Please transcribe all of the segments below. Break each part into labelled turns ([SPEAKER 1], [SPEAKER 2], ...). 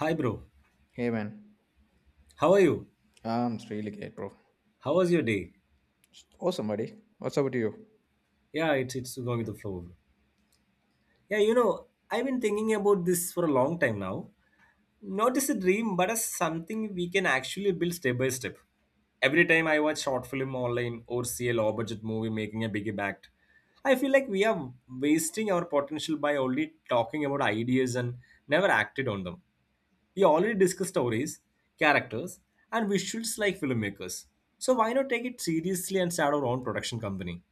[SPEAKER 1] Hi, bro.
[SPEAKER 2] Hey man,
[SPEAKER 1] How are you?
[SPEAKER 2] I'm really great, bro.
[SPEAKER 1] How was your day?
[SPEAKER 2] Awesome, buddy. What's up with you?
[SPEAKER 1] Yeah, it's going with the flow. Bro. Yeah, you know, I've been thinking about this for a long time now. Not as a dream, but as something we can actually build step by step. Every time I watch short film online or see a low budget movie making a big impact, I feel like we are wasting our potential by only talking about ideas and never acted on them. We already discussed stories, characters, and visuals like filmmakers. So why not take it seriously and start our own production company?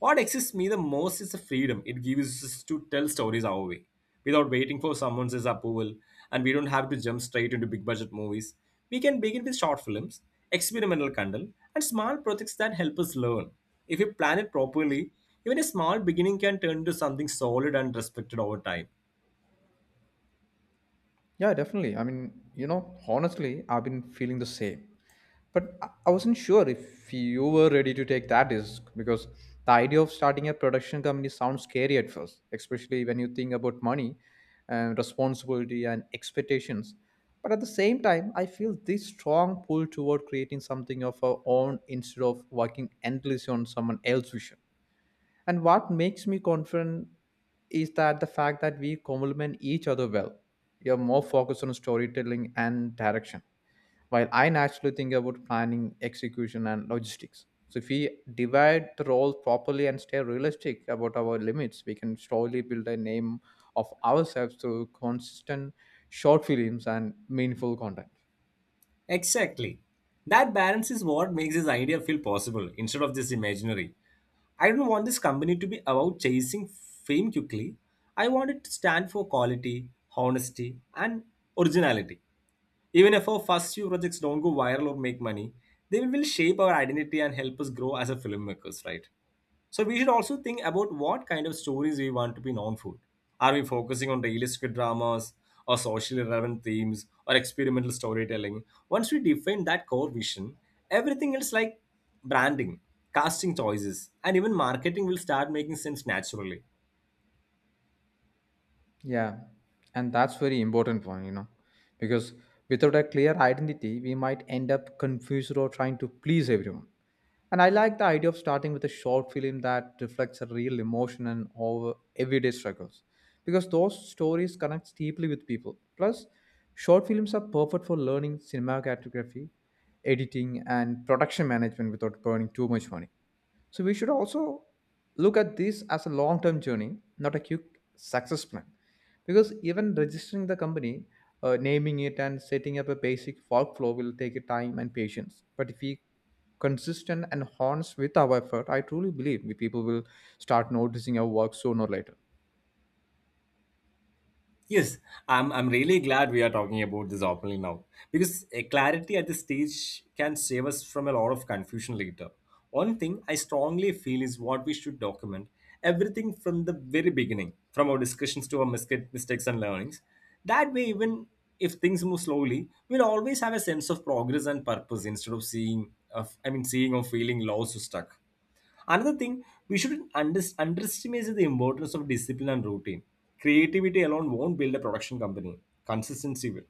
[SPEAKER 1] What excites me the most is the freedom it gives us to tell stories our way, without waiting for someone else's approval, and we don't have to jump straight into big budget movies. We can begin with short films, experimental content, and small projects that help us learn. If we plan it properly, even a small beginning can turn into something solid and respected over time.
[SPEAKER 2] Yeah, definitely. I mean, honestly, I've been feeling the same. But I wasn't sure if you were ready to take that risk because the idea of starting a production company sounds scary at first, especially when you think about money and responsibility and expectations. But at the same time, I feel this strong pull toward creating something of our own instead of working endlessly on someone else's vision. And what makes me confident is that the fact that we complement each other well. You're more focused on storytelling and direction, while I naturally think about planning, execution, and logistics. So, if we divide the roles properly and stay realistic about our limits, we can slowly build a name of ourselves through consistent short films and meaningful content.
[SPEAKER 1] Exactly. That balance is what makes this idea feel possible instead of just imaginary. I don't want this company to be about chasing fame quickly. I want it to stand for quality, honesty, and originality. Even if our first few projects don't go viral or make money, they will shape our identity and help us grow as a filmmakers, right? So we should also think about what kind of stories we want to be known for. Are we focusing on realistic dramas or socially relevant themes or experimental storytelling? Once we define that core vision, everything else like branding, casting choices, and even marketing will start making sense naturally.
[SPEAKER 2] Yeah, and that's very important one, because without a clear identity, we might end up confused or trying to please everyone. And I like the idea of starting with a short film that reflects a real emotion and over everyday struggles, because those stories connect deeply with people. Plus, short films are perfect for learning cinematography, editing, and production management without burning too much money. So we should also look at this as a long-term journey, not a quick success plan. Because even registering the company, naming it, and setting up a basic workflow will take a time and patience. But if we consistent and honest with our effort, I truly believe we people will start noticing our work sooner or later.
[SPEAKER 1] Yes, I'm really glad we are talking about this openly now because clarity at this stage can save us from a lot of confusion later. One thing I strongly feel is what we should document everything from the very beginning, from our discussions to our mistakes and learnings. That way, even if things move slowly, we'll always have a sense of progress and purpose instead of seeing, of, I mean, seeing or feeling lost or stuck. Another thing, we shouldn't underestimate the importance of discipline and routine. Creativity alone won't build a production company, consistency will.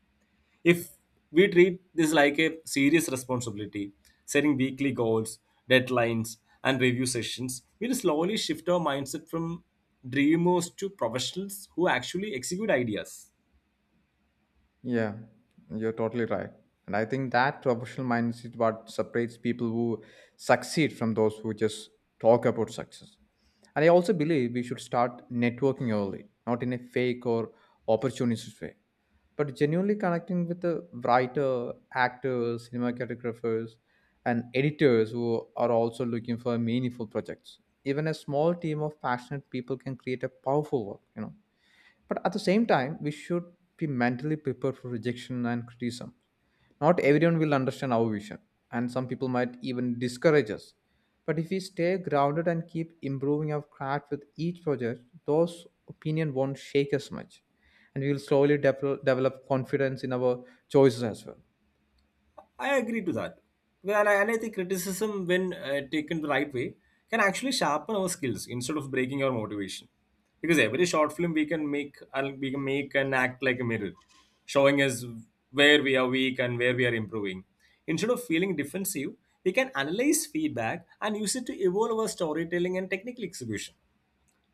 [SPEAKER 1] If we treat this like a serious responsibility, setting weekly goals, deadlines, and review sessions, we'll slowly shift our mindset from dreamers to professionals who actually execute ideas.
[SPEAKER 2] Yeah, you're totally right. And I think that professional mindset is what separates people who succeed from those who just talk about success. And I also believe we should start networking early, not in a fake or opportunistic way, but genuinely connecting with the writer, actors, cinematographers, and editors who are also looking for meaningful projects. Even a small team of passionate people can create a powerful work, but at the same time, we should be mentally prepared for rejection and criticism. Not everyone will understand our vision, and some people might even discourage us. But if we stay grounded and keep improving our craft with each project, those opinions won't shake us much. And we will slowly develop confidence in our choices as well.
[SPEAKER 1] I agree to that. Well, and I think criticism, when taken the right way, can actually sharpen our skills instead of breaking our motivation. Because every short film we can make and act like a mirror, showing us where we are weak and where we are improving. Instead of feeling defensive, we can analyze feedback and use it to evolve our storytelling and technical execution.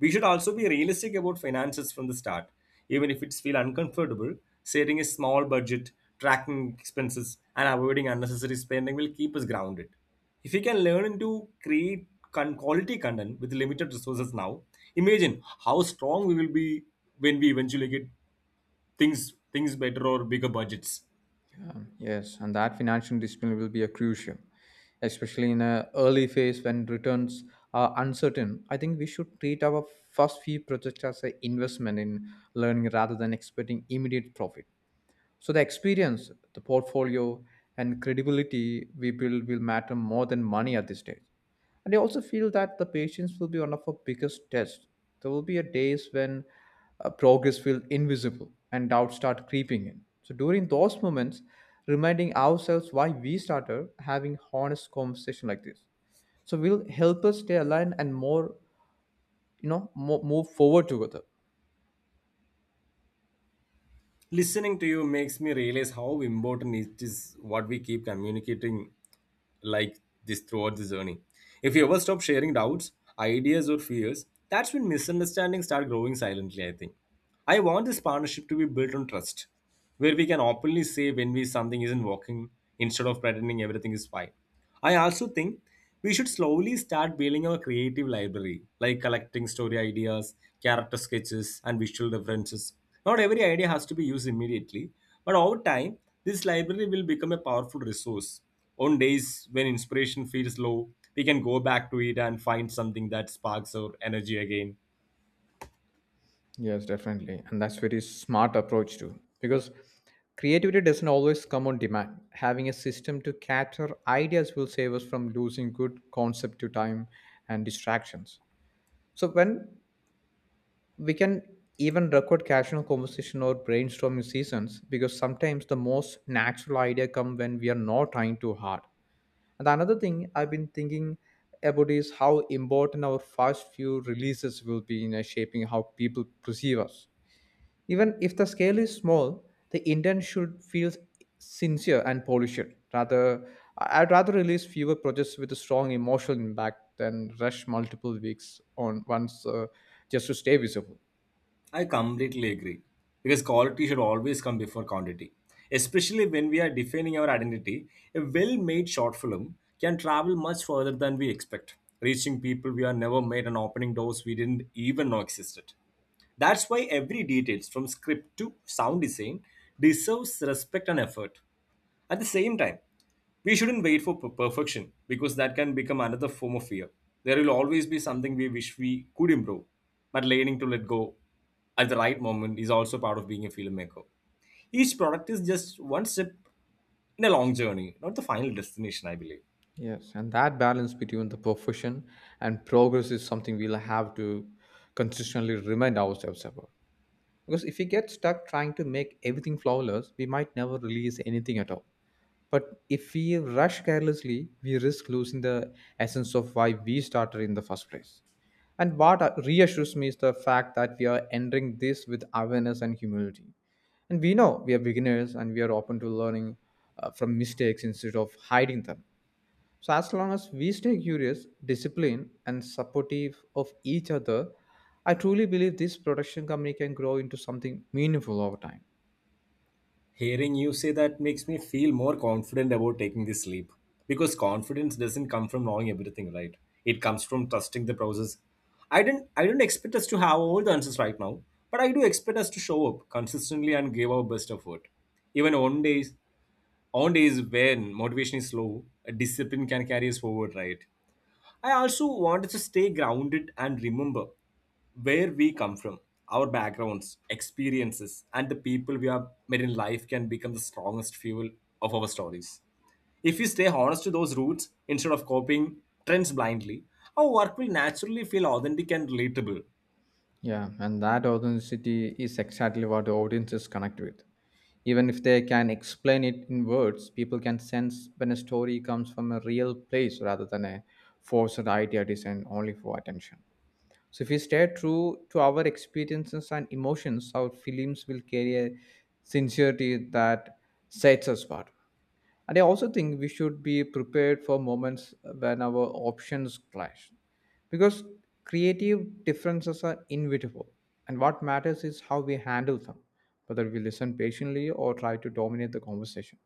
[SPEAKER 1] We should also be realistic about finances from the start, even if it feels uncomfortable. Setting a small budget, tracking expenses, and avoiding unnecessary spending will keep us grounded. If we can learn to create quality content with limited resources now, imagine how strong we will be when we eventually get things better or bigger budgets.
[SPEAKER 2] Yes, and that financial discipline will be a crucial, especially in an early phase when returns are uncertain. I think we should treat our first few projects as an investment in learning rather than expecting immediate profit. So the experience, the portfolio, and credibility we build will matter more than money at this stage. And I also feel that the patience will be one of our biggest tests. There will be a days when progress feels invisible and doubts start creeping in. So during those moments, reminding ourselves why we started having honest conversation like this. So will help us stay aligned and more, move forward together.
[SPEAKER 1] Listening to you makes me realize how important it is what we keep communicating like this throughout this journey. If you ever stop sharing doubts, ideas, or fears, that's when misunderstandings start growing silently, I think. I want this partnership to be built on trust, where we can openly say when we something isn't working instead of pretending everything is fine. I also think we should slowly start building our creative library, like collecting story ideas, character sketches, and visual references. Not every idea has to be used immediately, but over time, this library will become a powerful resource. On days when inspiration feels low, we can go back to it and find something that sparks our energy again.
[SPEAKER 2] Yes, definitely. And that's very smart approach too. Because creativity doesn't always come on demand. Having a system to cater ideas will save us from losing good concept to time and distractions. So when we can even record casual conversation or brainstorming sessions, because sometimes the most natural idea come when we are not trying too hard. And another thing I've been thinking about is how important our first few releases will be in shaping how people perceive us. Even if the scale is small, the intent should feel sincere and polished. Rather, I'd rather release fewer projects with a strong emotional impact than rush multiple weeks on once just to stay visible.
[SPEAKER 1] I completely agree because quality should always come before quantity, especially when we are defining our identity. A well made short film can travel much further than we expect, reaching people we are never met and opening doors we didn't even know existed. That's why every detail, from script to sound design, deserves respect and effort. At the same time, we shouldn't wait for perfection because that can become another form of fear. There will always be something we wish we could improve, but learning to let go at the right moment is also part of being a filmmaker. Each product is just one step in a long journey, not the final destination, I believe.
[SPEAKER 2] Yes, and that balance between the profession and progress is something we'll have to consistently remind ourselves about. Because if we get stuck trying to make everything flawless, we might never release anything at all. But if we rush carelessly, we risk losing the essence of why we started in the first place. And what reassures me is the fact that we are entering this with awareness and humility. And we know we are beginners and we are open to learning from mistakes instead of hiding them. So as long as we stay curious, disciplined, and supportive of each other, I truly believe this production company can grow into something meaningful over time.
[SPEAKER 1] Hearing you say that makes me feel more confident about taking this leap. Because confidence doesn't come from knowing everything, right? It comes from trusting the process. I do not I don't expect us to have all the answers right now, but I do expect us to show up consistently and give our best effort. Even on days when motivation is low, a discipline can carry us forward, right? I also wanted to stay grounded and remember where we come from. Our backgrounds, experiences, and the people we have met in life can become the strongest fuel of our stories. If we stay honest to those roots instead of copying trends blindly, our work will naturally feel authentic and relatable.
[SPEAKER 2] Yeah, and that authenticity is exactly what the audiences connect with. Even if they can explain it in words, people can sense when a story comes from a real place rather than a forced idea designed only for attention. So if we stay true to our experiences and emotions, our films will carry a sincerity that sets us apart. And I also think we should be prepared for moments when our options clash. Because creative differences are inevitable. And what matters is how we handle them, whether we listen patiently or try to dominate the conversation.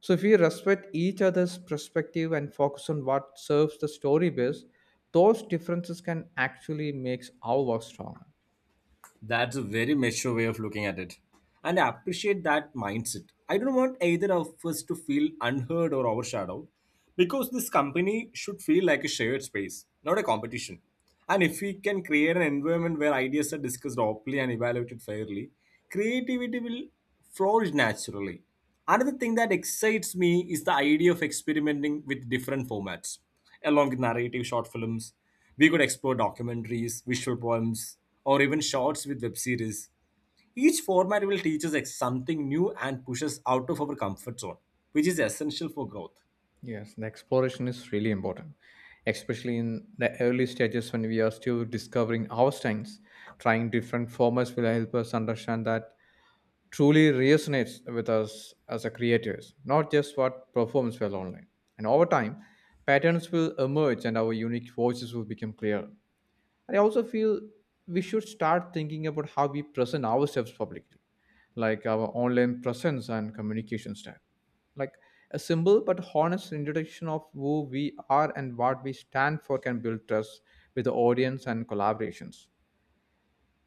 [SPEAKER 2] So if we respect each other's perspective and focus on what serves the story best, those differences can actually make our work stronger.
[SPEAKER 1] That's a very mature way of looking at it. And I appreciate that mindset. I don't want either of us to feel unheard or overshadowed because this company should feel like a shared space, not a competition. And if we can create an environment where ideas are discussed openly and evaluated fairly, creativity will flourish naturally. Another thing that excites me is the idea of experimenting with different formats. Along with narrative short films, we could explore documentaries, visual poems, or even shorts with web series. Each format will teach us something new and push us out of our comfort zone, which is essential for growth.
[SPEAKER 2] Yes, the exploration is really important, especially in the early stages when we are still discovering our strengths. Trying different formats will help us understand that truly resonates with us as a creators, not just what performs well online. And over time, patterns will emerge and our unique voices will become clearer. I also feel we should start thinking about how we present ourselves publicly, like our online presence and communication style. Like a simple but honest introduction of who we are and what we stand for can build trust with the audience and collaborations.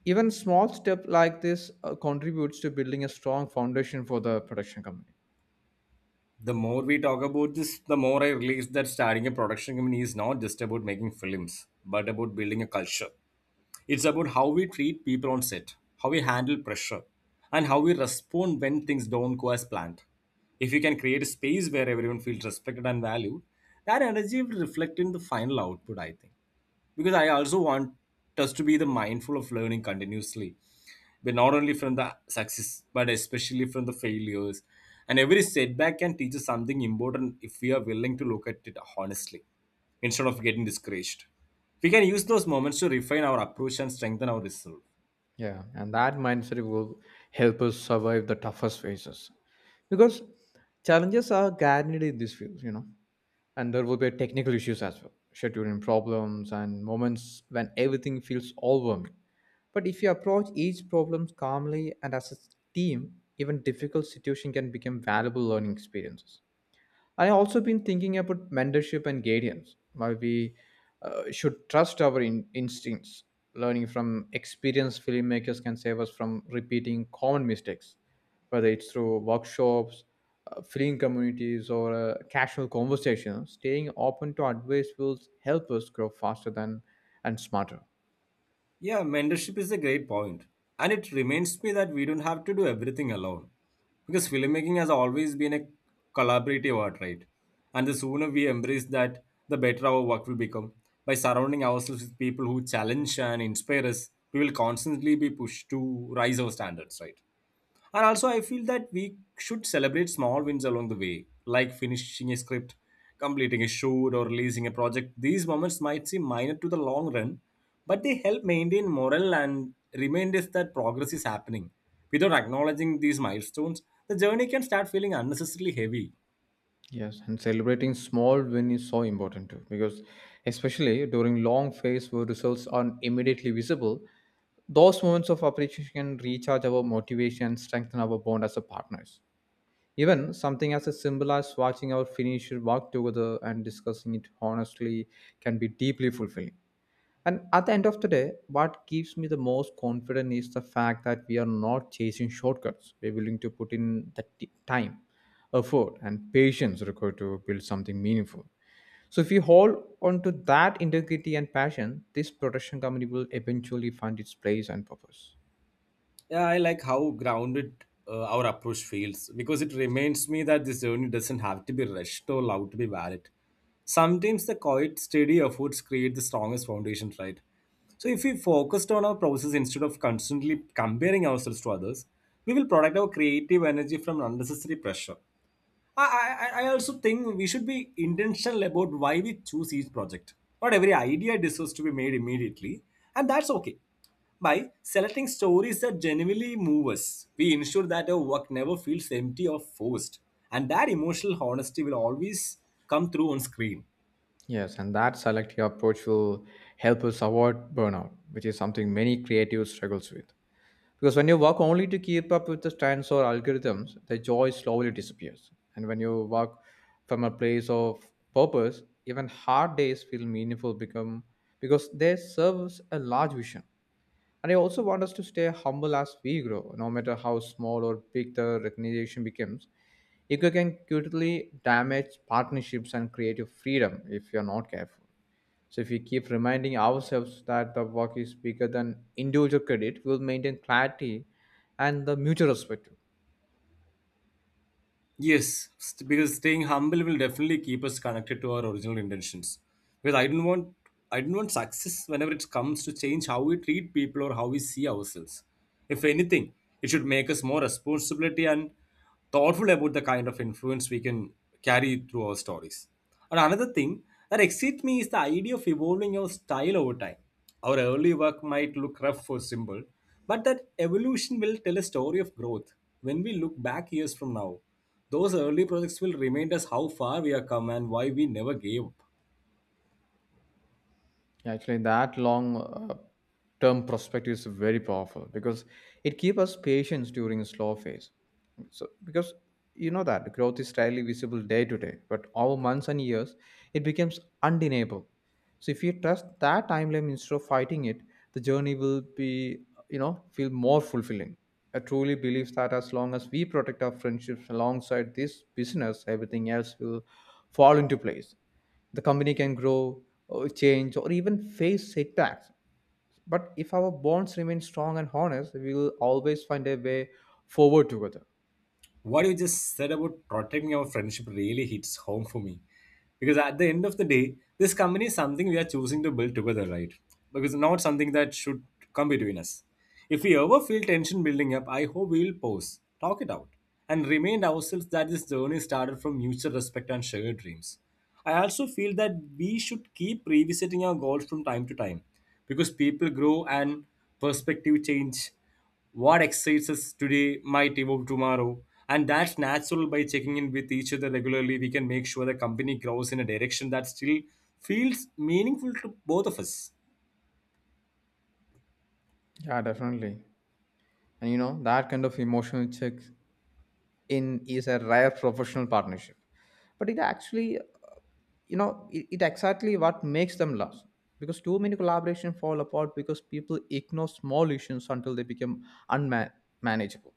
[SPEAKER 2] Even small step like this contributes to building a strong foundation for the production company.
[SPEAKER 1] The more we talk about this, the more I realize that starting a production company is not just about making films, but about building a culture. It's about how we treat people on set, how we handle pressure, and how we respond when things don't go as planned. If you can create a space where everyone feels respected and valued, that energy will reflect in the final output, I think. Because I also want us to be the mindful of learning continuously but not only from the success but especially from the failures, and every setback can teach us something important if we are willing to look at it honestly. Instead of getting discouraged, we can use those moments to refine our approach and strengthen our resolve.
[SPEAKER 2] Yeah, and that mindset will help us survive the toughest phases because challenges are guaranteed in this field, and there will be technical issues as well, scheduling problems and moments when everything feels overwhelming. But if you approach each problem calmly and as a team, even difficult situation can become valuable learning experiences. I also been thinking about mentorship and guidance. Why we should trust our instincts. Learning from experienced filmmakers can save us from repeating common mistakes, whether it's through workshops, film communities, or casual conversations. Staying open to advice will help us grow faster than and smarter.
[SPEAKER 1] Yeah, mentorship is a great point. And it reminds me that we don't have to do everything alone. Because filmmaking has always been a collaborative art, right? And the sooner we embrace that, the better our work will become. By surrounding ourselves with people who challenge and inspire us, we will constantly be pushed to rise our standards, right? And also, I feel that we should celebrate small wins along the way, like finishing a script, completing a shoot, or releasing a project. These moments might seem minor to the long run, but they help maintain morale and remind us that progress is happening. Without acknowledging these milestones, the journey can start feeling unnecessarily heavy.
[SPEAKER 2] Yes, and celebrating small win is so important too, because especially during long phase where results aren't immediately visible, those moments of appreciation can recharge our motivation, and strengthen our bond as a partners. Even something as a simple as watching our finished work together and discussing it honestly can be deeply fulfilling. And at the end of the day, what gives me the most confidence is the fact that we are not chasing shortcuts. We're willing to put in the time, effort, and patience required to build something meaningful. So if we hold on to that integrity and passion, this production company will eventually find its place and purpose.
[SPEAKER 1] Yeah, I like how grounded our approach feels because it reminds me that this journey doesn't have to be rushed or loud to be valid. Sometimes the quiet, steady efforts create the strongest foundation, right? So if we focused on our process instead of constantly comparing ourselves to others, we will protect our creative energy from unnecessary pressure. I also think we should be intentional about why we choose each project. Not every idea deserves to be made immediately, and that's okay. By selecting stories that genuinely move us, we ensure that our work never feels empty or forced, and that emotional honesty will always come through on screen.
[SPEAKER 2] Yes, and that selective approach will help us avoid burnout, which is something many creatives struggles with. Because when you work only to keep up with the trends or algorithms, the joy slowly disappears. And when you work from a place of purpose, even hard days feel meaningful become because they serve a large vision. And I also want us to stay humble as we grow, no matter how small or big the recognition becomes. Ego can quickly damage partnerships and creative freedom if you're not careful. So if we keep reminding ourselves that the work is bigger than individual credit, we'll maintain clarity and the mutual respect.
[SPEAKER 1] Yes, because staying humble will definitely keep us connected to our original intentions. Because I don't want success whenever it comes to change how we treat people or how we see ourselves. If anything, it should make us more responsibility and thoughtful about the kind of influence we can carry through our stories. And another thing that excites me is the idea of evolving our style over time. Our early work might look rough or simple, but that evolution will tell a story of growth. When we look back years from now, those early projects will remind us how far we have come and why we never gave up.
[SPEAKER 2] Yeah, actually, that long term perspective is very powerful because it keeps us patience during slow phase. So, because you know that growth is rarely visible day to day, but over months and years, it becomes undeniable. So, if you trust that timeline instead of fighting it, the journey will be, feel more fulfilling. I truly believe that as long as we protect our friendships alongside this business, everything else will fall into place. The company can grow or change or even face setbacks, but if our bonds remain strong and honest, we will always find a way forward together.
[SPEAKER 1] What you just said about protecting our friendship really hits home for me, because at the end of the day, this company is something we are choosing to build together, right? Because not something that should come between us. If we ever feel tension building up, I hope we'll pause, talk it out, and remind ourselves that this journey started from mutual respect and shared dreams. I also feel that we should keep revisiting our goals from time to time, because people grow and perspective change. What excites us today might evolve tomorrow, and that's natural. By checking in with each other regularly, we can make sure the company grows in a direction that still feels meaningful to both of us.
[SPEAKER 2] Yeah, definitely. And you know that kind of emotional check in is a rare professional partnership, but it actually it exactly what makes them last because too many collaborations fall apart because people ignore small issues until they become unmanageable.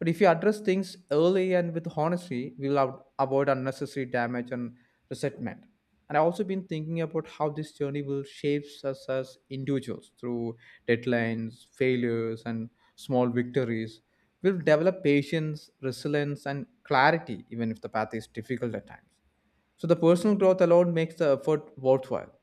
[SPEAKER 2] But if you address things early and with honesty, we'll avoid unnecessary damage and resentment. And I've also been thinking about how this journey will shape us as individuals through deadlines, failures, and small victories. We'll develop patience, resilience, and clarity, even if the path is difficult at times. So the personal growth alone makes the effort worthwhile.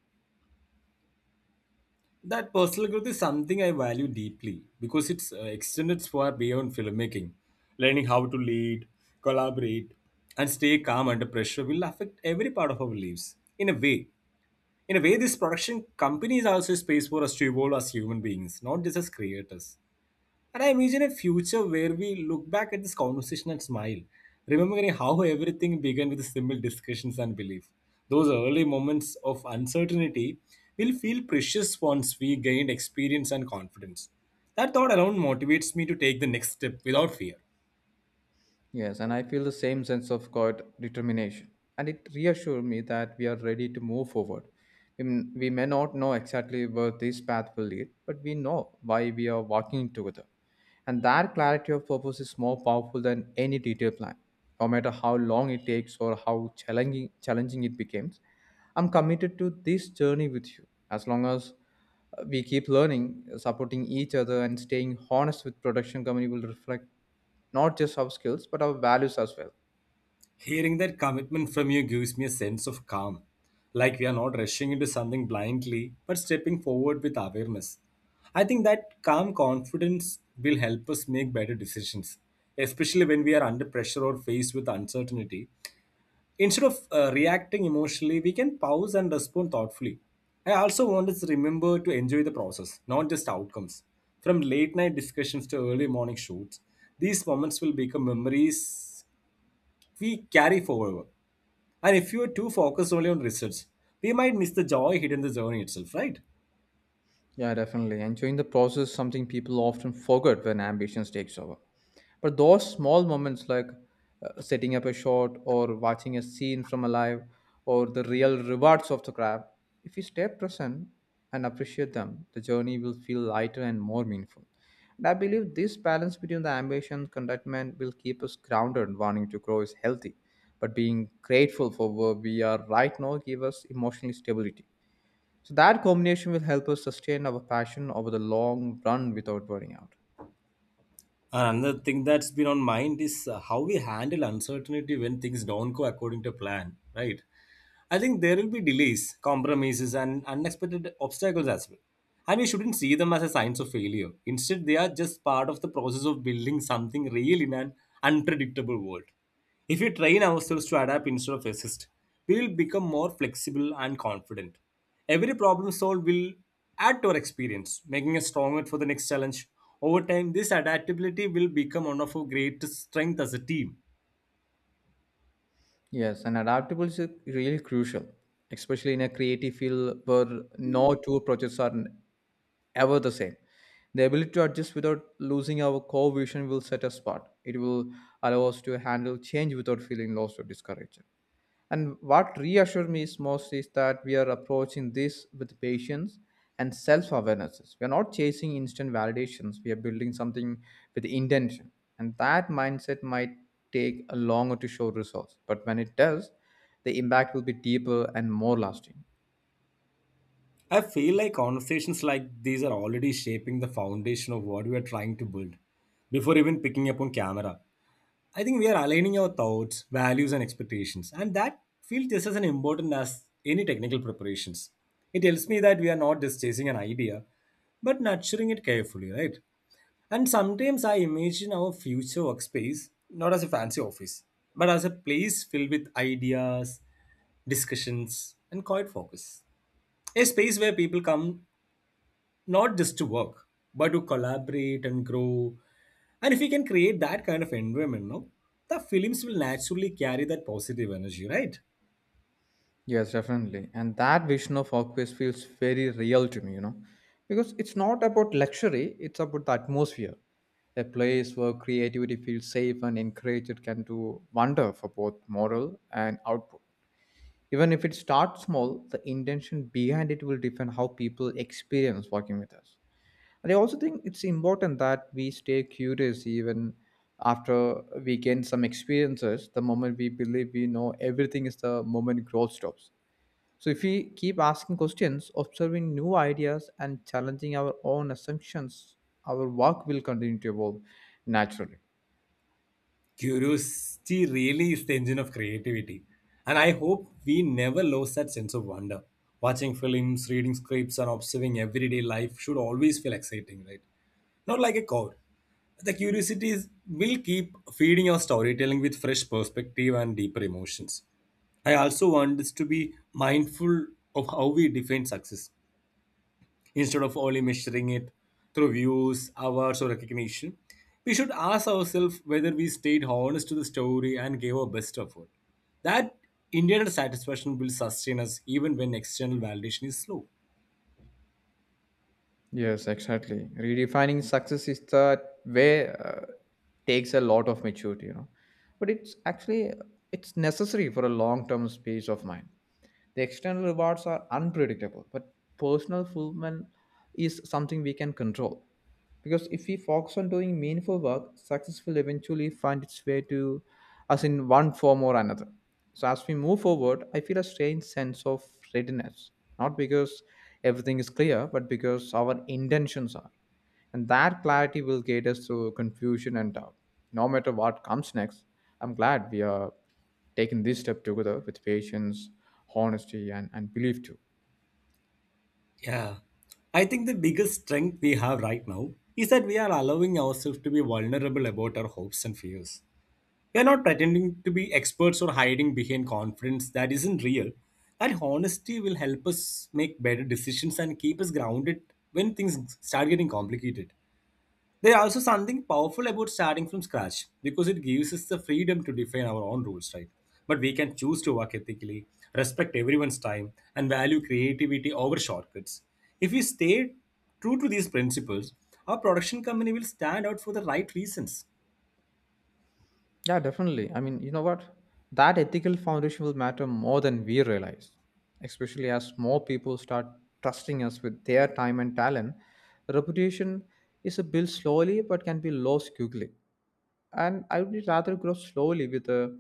[SPEAKER 1] That personal growth is something I value deeply because it's extended far beyond filmmaking. Learning how to lead, collaborate, and stay calm under pressure will affect every part of our lives. In a way, this production company is also a space for us to evolve as human beings, not just as creators. And I imagine a future where we look back at this conversation and smile, remembering how everything began with simple discussions and belief. Those early moments of uncertainty will feel precious once we gained experience and confidence. That thought alone motivates me to take the next step without fear.
[SPEAKER 2] Yes, and I feel the same sense of God determination. And it reassures me that we are ready to move forward. We may not know exactly where this path will lead, but we know why we are walking together. And that clarity of purpose is more powerful than any detailed plan. No matter how long it takes or how challenging it becomes, I'm committed to this journey with you. As long as we keep learning, supporting each other, and staying honest with production company will reflect not just soft skills but our values as well.
[SPEAKER 1] Hearing that commitment from you gives me a sense of calm, like we are not rushing into something blindly, but stepping forward with awareness. I think that calm confidence will help us make better decisions, especially when we are under pressure or faced with uncertainty. Instead of reacting emotionally, we can pause and respond thoughtfully. I also want us to remember to enjoy the process, not just outcomes. From late night discussions to early morning shoots, these moments will become memories we carry forever. And if you are too focused only on results, we might miss the joy hidden in the journey itself, right?
[SPEAKER 2] Yeah, definitely. Enjoying the process, is something people often forget when ambitions takes over. But those small moments, like setting up a shot or watching a scene from a live, or the real rewards of the craft, if we stay present and appreciate them, the journey will feel lighter and more meaningful. And I believe this balance between the ambition and contentment will keep us grounded. And wanting to grow is healthy, but being grateful for where we are right now give us emotional stability. So that combination will help us sustain our passion over the long run without burning out.
[SPEAKER 1] Another thing that's been on mind is how we handle uncertainty when things don't go according to plan, right? I think there will be delays, compromises, and unexpected obstacles as well. And we shouldn't see them as a signs of failure. Instead, they are just part of the process of building something real in an unpredictable world. If we train ourselves to adapt instead of resist, we will become more flexible and confident. Every problem solved will add to our experience, making us stronger for the next challenge. Over time, this adaptability will become one of our greatest strengths as a team.
[SPEAKER 2] Yes, and adaptability is really crucial, especially in a creative field where no two projects are ever the same. The ability to adjust without losing our core vision will set us apart. It will allow us to handle change without feeling lost or discouraged. And what reassures me is most is that we are approaching this with patience and self awareness. We are not chasing instant validations, we are building something with intention. And that mindset might take a longer to show results, but when it does, the impact will be deeper and more lasting.
[SPEAKER 1] I feel like conversations like these are already shaping the foundation of what we are trying to build before even picking up on camera. I think we are aligning our thoughts, values, and expectations, and that feels just as an important as any technical preparations. It tells me that we are not just chasing an idea, but nurturing it carefully, right? And sometimes I imagine our future workspace not as a fancy office, but as a place filled with ideas, discussions, and quiet focus. A space where people come not just to work, but to collaborate and grow. And if we can create that kind of environment, no, the films will naturally carry that positive energy, right?
[SPEAKER 2] Yes, definitely. And that vision of Aquarius feels very real to me, you know, because it's not about luxury, it's about the atmosphere. A place where creativity feels safe and encouraged can do wonder for both moral and output. Even if it starts small, the intention behind it will define how people experience working with us. And I also think it's important that we stay curious even after we gain some experiences. The moment we believe we know everything is the moment growth stops, so if we keep asking questions, observing new ideas and challenging our own assumptions, our work will continue to evolve naturally.
[SPEAKER 1] Curiosity really is the engine of creativity. And I hope we never lose that sense of wonder. Watching films, reading scripts, and observing everyday life should always feel exciting, right? Not like a code. The curiosities will keep feeding your storytelling with fresh perspective and deeper emotions. I also want us to be mindful of how we define success. Instead of only measuring it through views, awards, or recognition, we should ask ourselves whether we stayed honest to the story and gave our best effort. That internal satisfaction will sustain us even when external validation is slow.
[SPEAKER 2] Yes, exactly. Redefining success is the way takes a lot of maturity, you know. But it's necessary for a long-term space of mind. The external rewards are unpredictable, but personal fulfillment is something we can control. Because if we focus on doing meaningful work, success will eventually find its way to us in one form or another. So as we move forward, I feel a strange sense of readiness, not because everything is clear, but because our intentions are. And that clarity will guide us through confusion and doubt. No matter what comes next, I'm glad we are taking this step together with patience, honesty, and belief too.
[SPEAKER 1] Yeah. I think the biggest strength we have right now is that we are allowing ourselves to be vulnerable about our hopes and fears. We are not pretending to be experts or hiding behind confidence that isn't real. That honesty will help us make better decisions and keep us grounded when things start getting complicated. There's also something powerful about starting from scratch because it gives us the freedom to define our own rules, right? But we can choose to work ethically, respect everyone's time, and value creativity over shortcuts. If we stay true to these principles, our production company will stand out for the right reasons.
[SPEAKER 2] Yeah, definitely. I mean, you know what? That ethical foundation will matter more than we realize, especially as more people start trusting us with their time and talent. Reputation is a built slowly but can be lost quickly. And I would rather grow slowly with a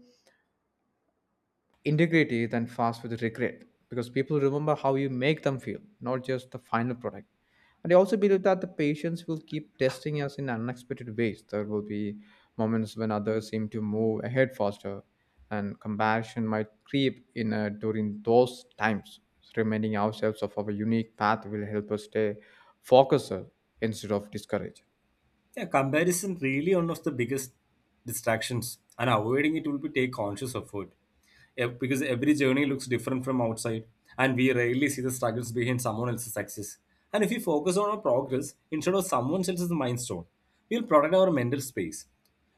[SPEAKER 2] integrity than fast with regret because people remember how you make them feel, not just the final product. And I also believe that the patients will keep testing us in unexpected ways. There will be moments when others seem to move ahead faster, and comparison might creep in during those times. So reminding ourselves of our unique path will help us stay focused instead of discouraged.
[SPEAKER 1] Yeah, comparison really one of the biggest distractions, and avoiding it will be take conscious effort. Because every journey looks different from outside, and we rarely see the struggles behind someone else's success. And if we focus on our progress instead of someone else's milestone, we'll protect our mental space.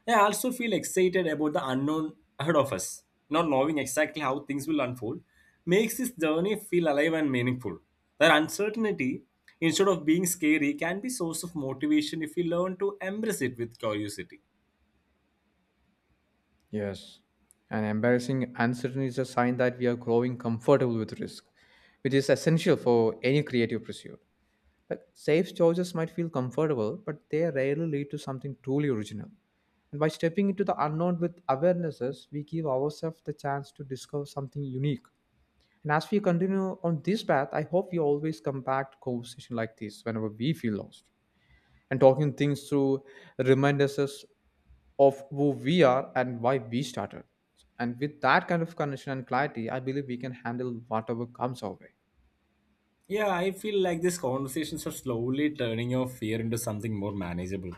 [SPEAKER 1] Yeah, I also feel excited about the unknown ahead of us. Not knowing exactly how things will unfold makes this journey feel alive and meaningful. That uncertainty, instead of being scary, can be source of motivation if we learn to embrace it with curiosity.
[SPEAKER 2] Yes, and embarrassing uncertainty is a sign that we are growing comfortable with risk, which is essential for any creative pursuit. Like safe choices might feel comfortable, but they rarely lead to something truly original. And by stepping into the unknown with awarenesses, we give ourselves the chance to discover something unique. And as we continue on this path, I hope we always come back to conversation like this whenever we feel lost and talking things through reminds us of who we are and why we started. And with that kind of connection and clarity, I believe we can handle whatever comes our way.
[SPEAKER 1] Yeah, I feel like these conversations are slowly turning your fear into something more manageable,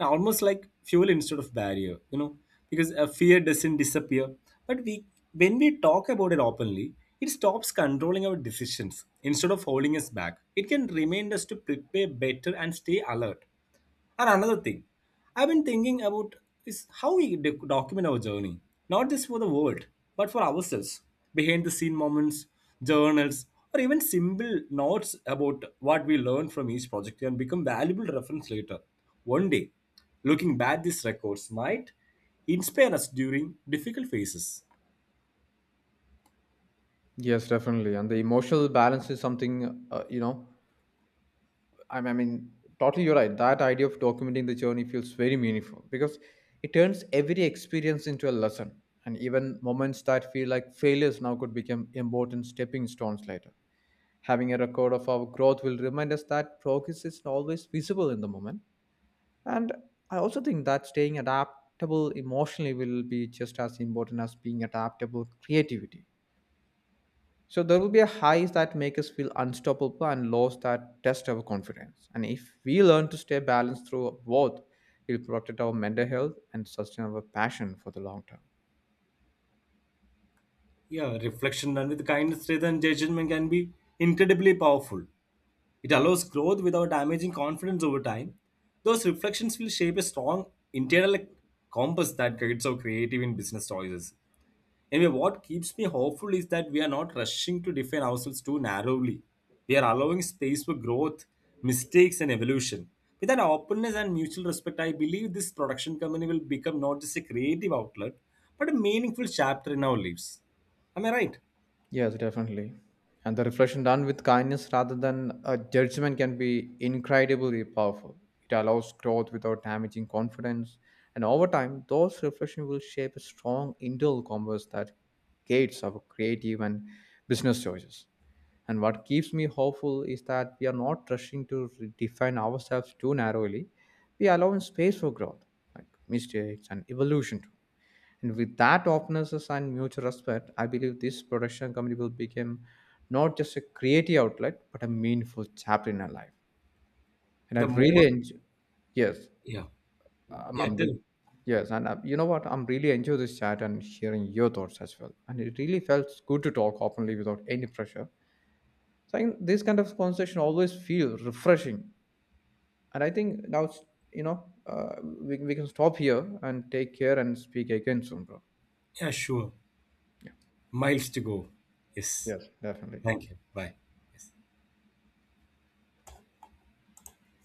[SPEAKER 1] almost like fuel instead of barrier. Because a fear doesn't disappear, but we when we talk about it openly, it stops controlling our decisions. Instead of holding us back, it can remind us to prepare better and stay alert. And another thing I've been thinking about is how we document our journey, not just for the world, but for ourselves. Behind the scene moments, journals, or even simple notes about what we learned from each project can become valuable reference later. One day, looking back these records might inspire us during difficult phases.
[SPEAKER 2] Yes, definitely. And the emotional balance is something, you know, I mean, totally you're right. That idea of documenting the journey feels very meaningful because it turns every experience into a lesson. And even moments that feel like failures now could become important stepping stones later. Having a record of our growth will remind us that progress isn't always visible in the moment. And I also think that staying adaptable emotionally will be just as important as being adaptable creativity. So there will be a highs that make us feel unstoppable and lows that test our confidence. And if we learn to stay balanced through both, we'll protect our mental health and sustain our passion for the long term.
[SPEAKER 1] Yeah, reflection done with kindness rather than judgment can be incredibly powerful. It allows growth without damaging confidence over time. Those reflections will shape a strong internal compass that guides our creative and business choices. Anyway, what keeps me hopeful is that we are not rushing to define ourselves too narrowly. We are allowing space for growth, mistakes, and evolution. With that openness and mutual respect, I believe this production company will become not just a creative outlet, but a meaningful chapter in our lives. Am I right?
[SPEAKER 2] Yes, definitely. And the reflection done with kindness rather than a judgment can be incredibly powerful. It allows growth without damaging confidence. And over time, those reflections will shape a strong internal compass that gates our creative and business choices. And what keeps me hopeful is that we are not rushing to define ourselves too narrowly. We are allowing space for growth, like mistakes and evolution too. And with that openness and mutual respect, I believe this production company will become not just a creative outlet, but a meaningful chapter in our life. And I
[SPEAKER 1] The
[SPEAKER 2] really
[SPEAKER 1] more,
[SPEAKER 2] enjoy, yes,
[SPEAKER 1] yeah,
[SPEAKER 2] I'm,
[SPEAKER 1] yeah,
[SPEAKER 2] I'm
[SPEAKER 1] tell
[SPEAKER 2] re-
[SPEAKER 1] me.
[SPEAKER 2] yes, and you know what? I'm really enjoy this chat and hearing your thoughts as well. And it really felt good to talk openly without any pressure. So I think this kind of conversation always feels refreshing. And I think now, it's- you know, we can stop here and take care and speak again soon, bro.
[SPEAKER 1] Yeah, sure. Miles to go. Yes.
[SPEAKER 2] Yes, definitely.
[SPEAKER 1] Thank you. Bye. Yes.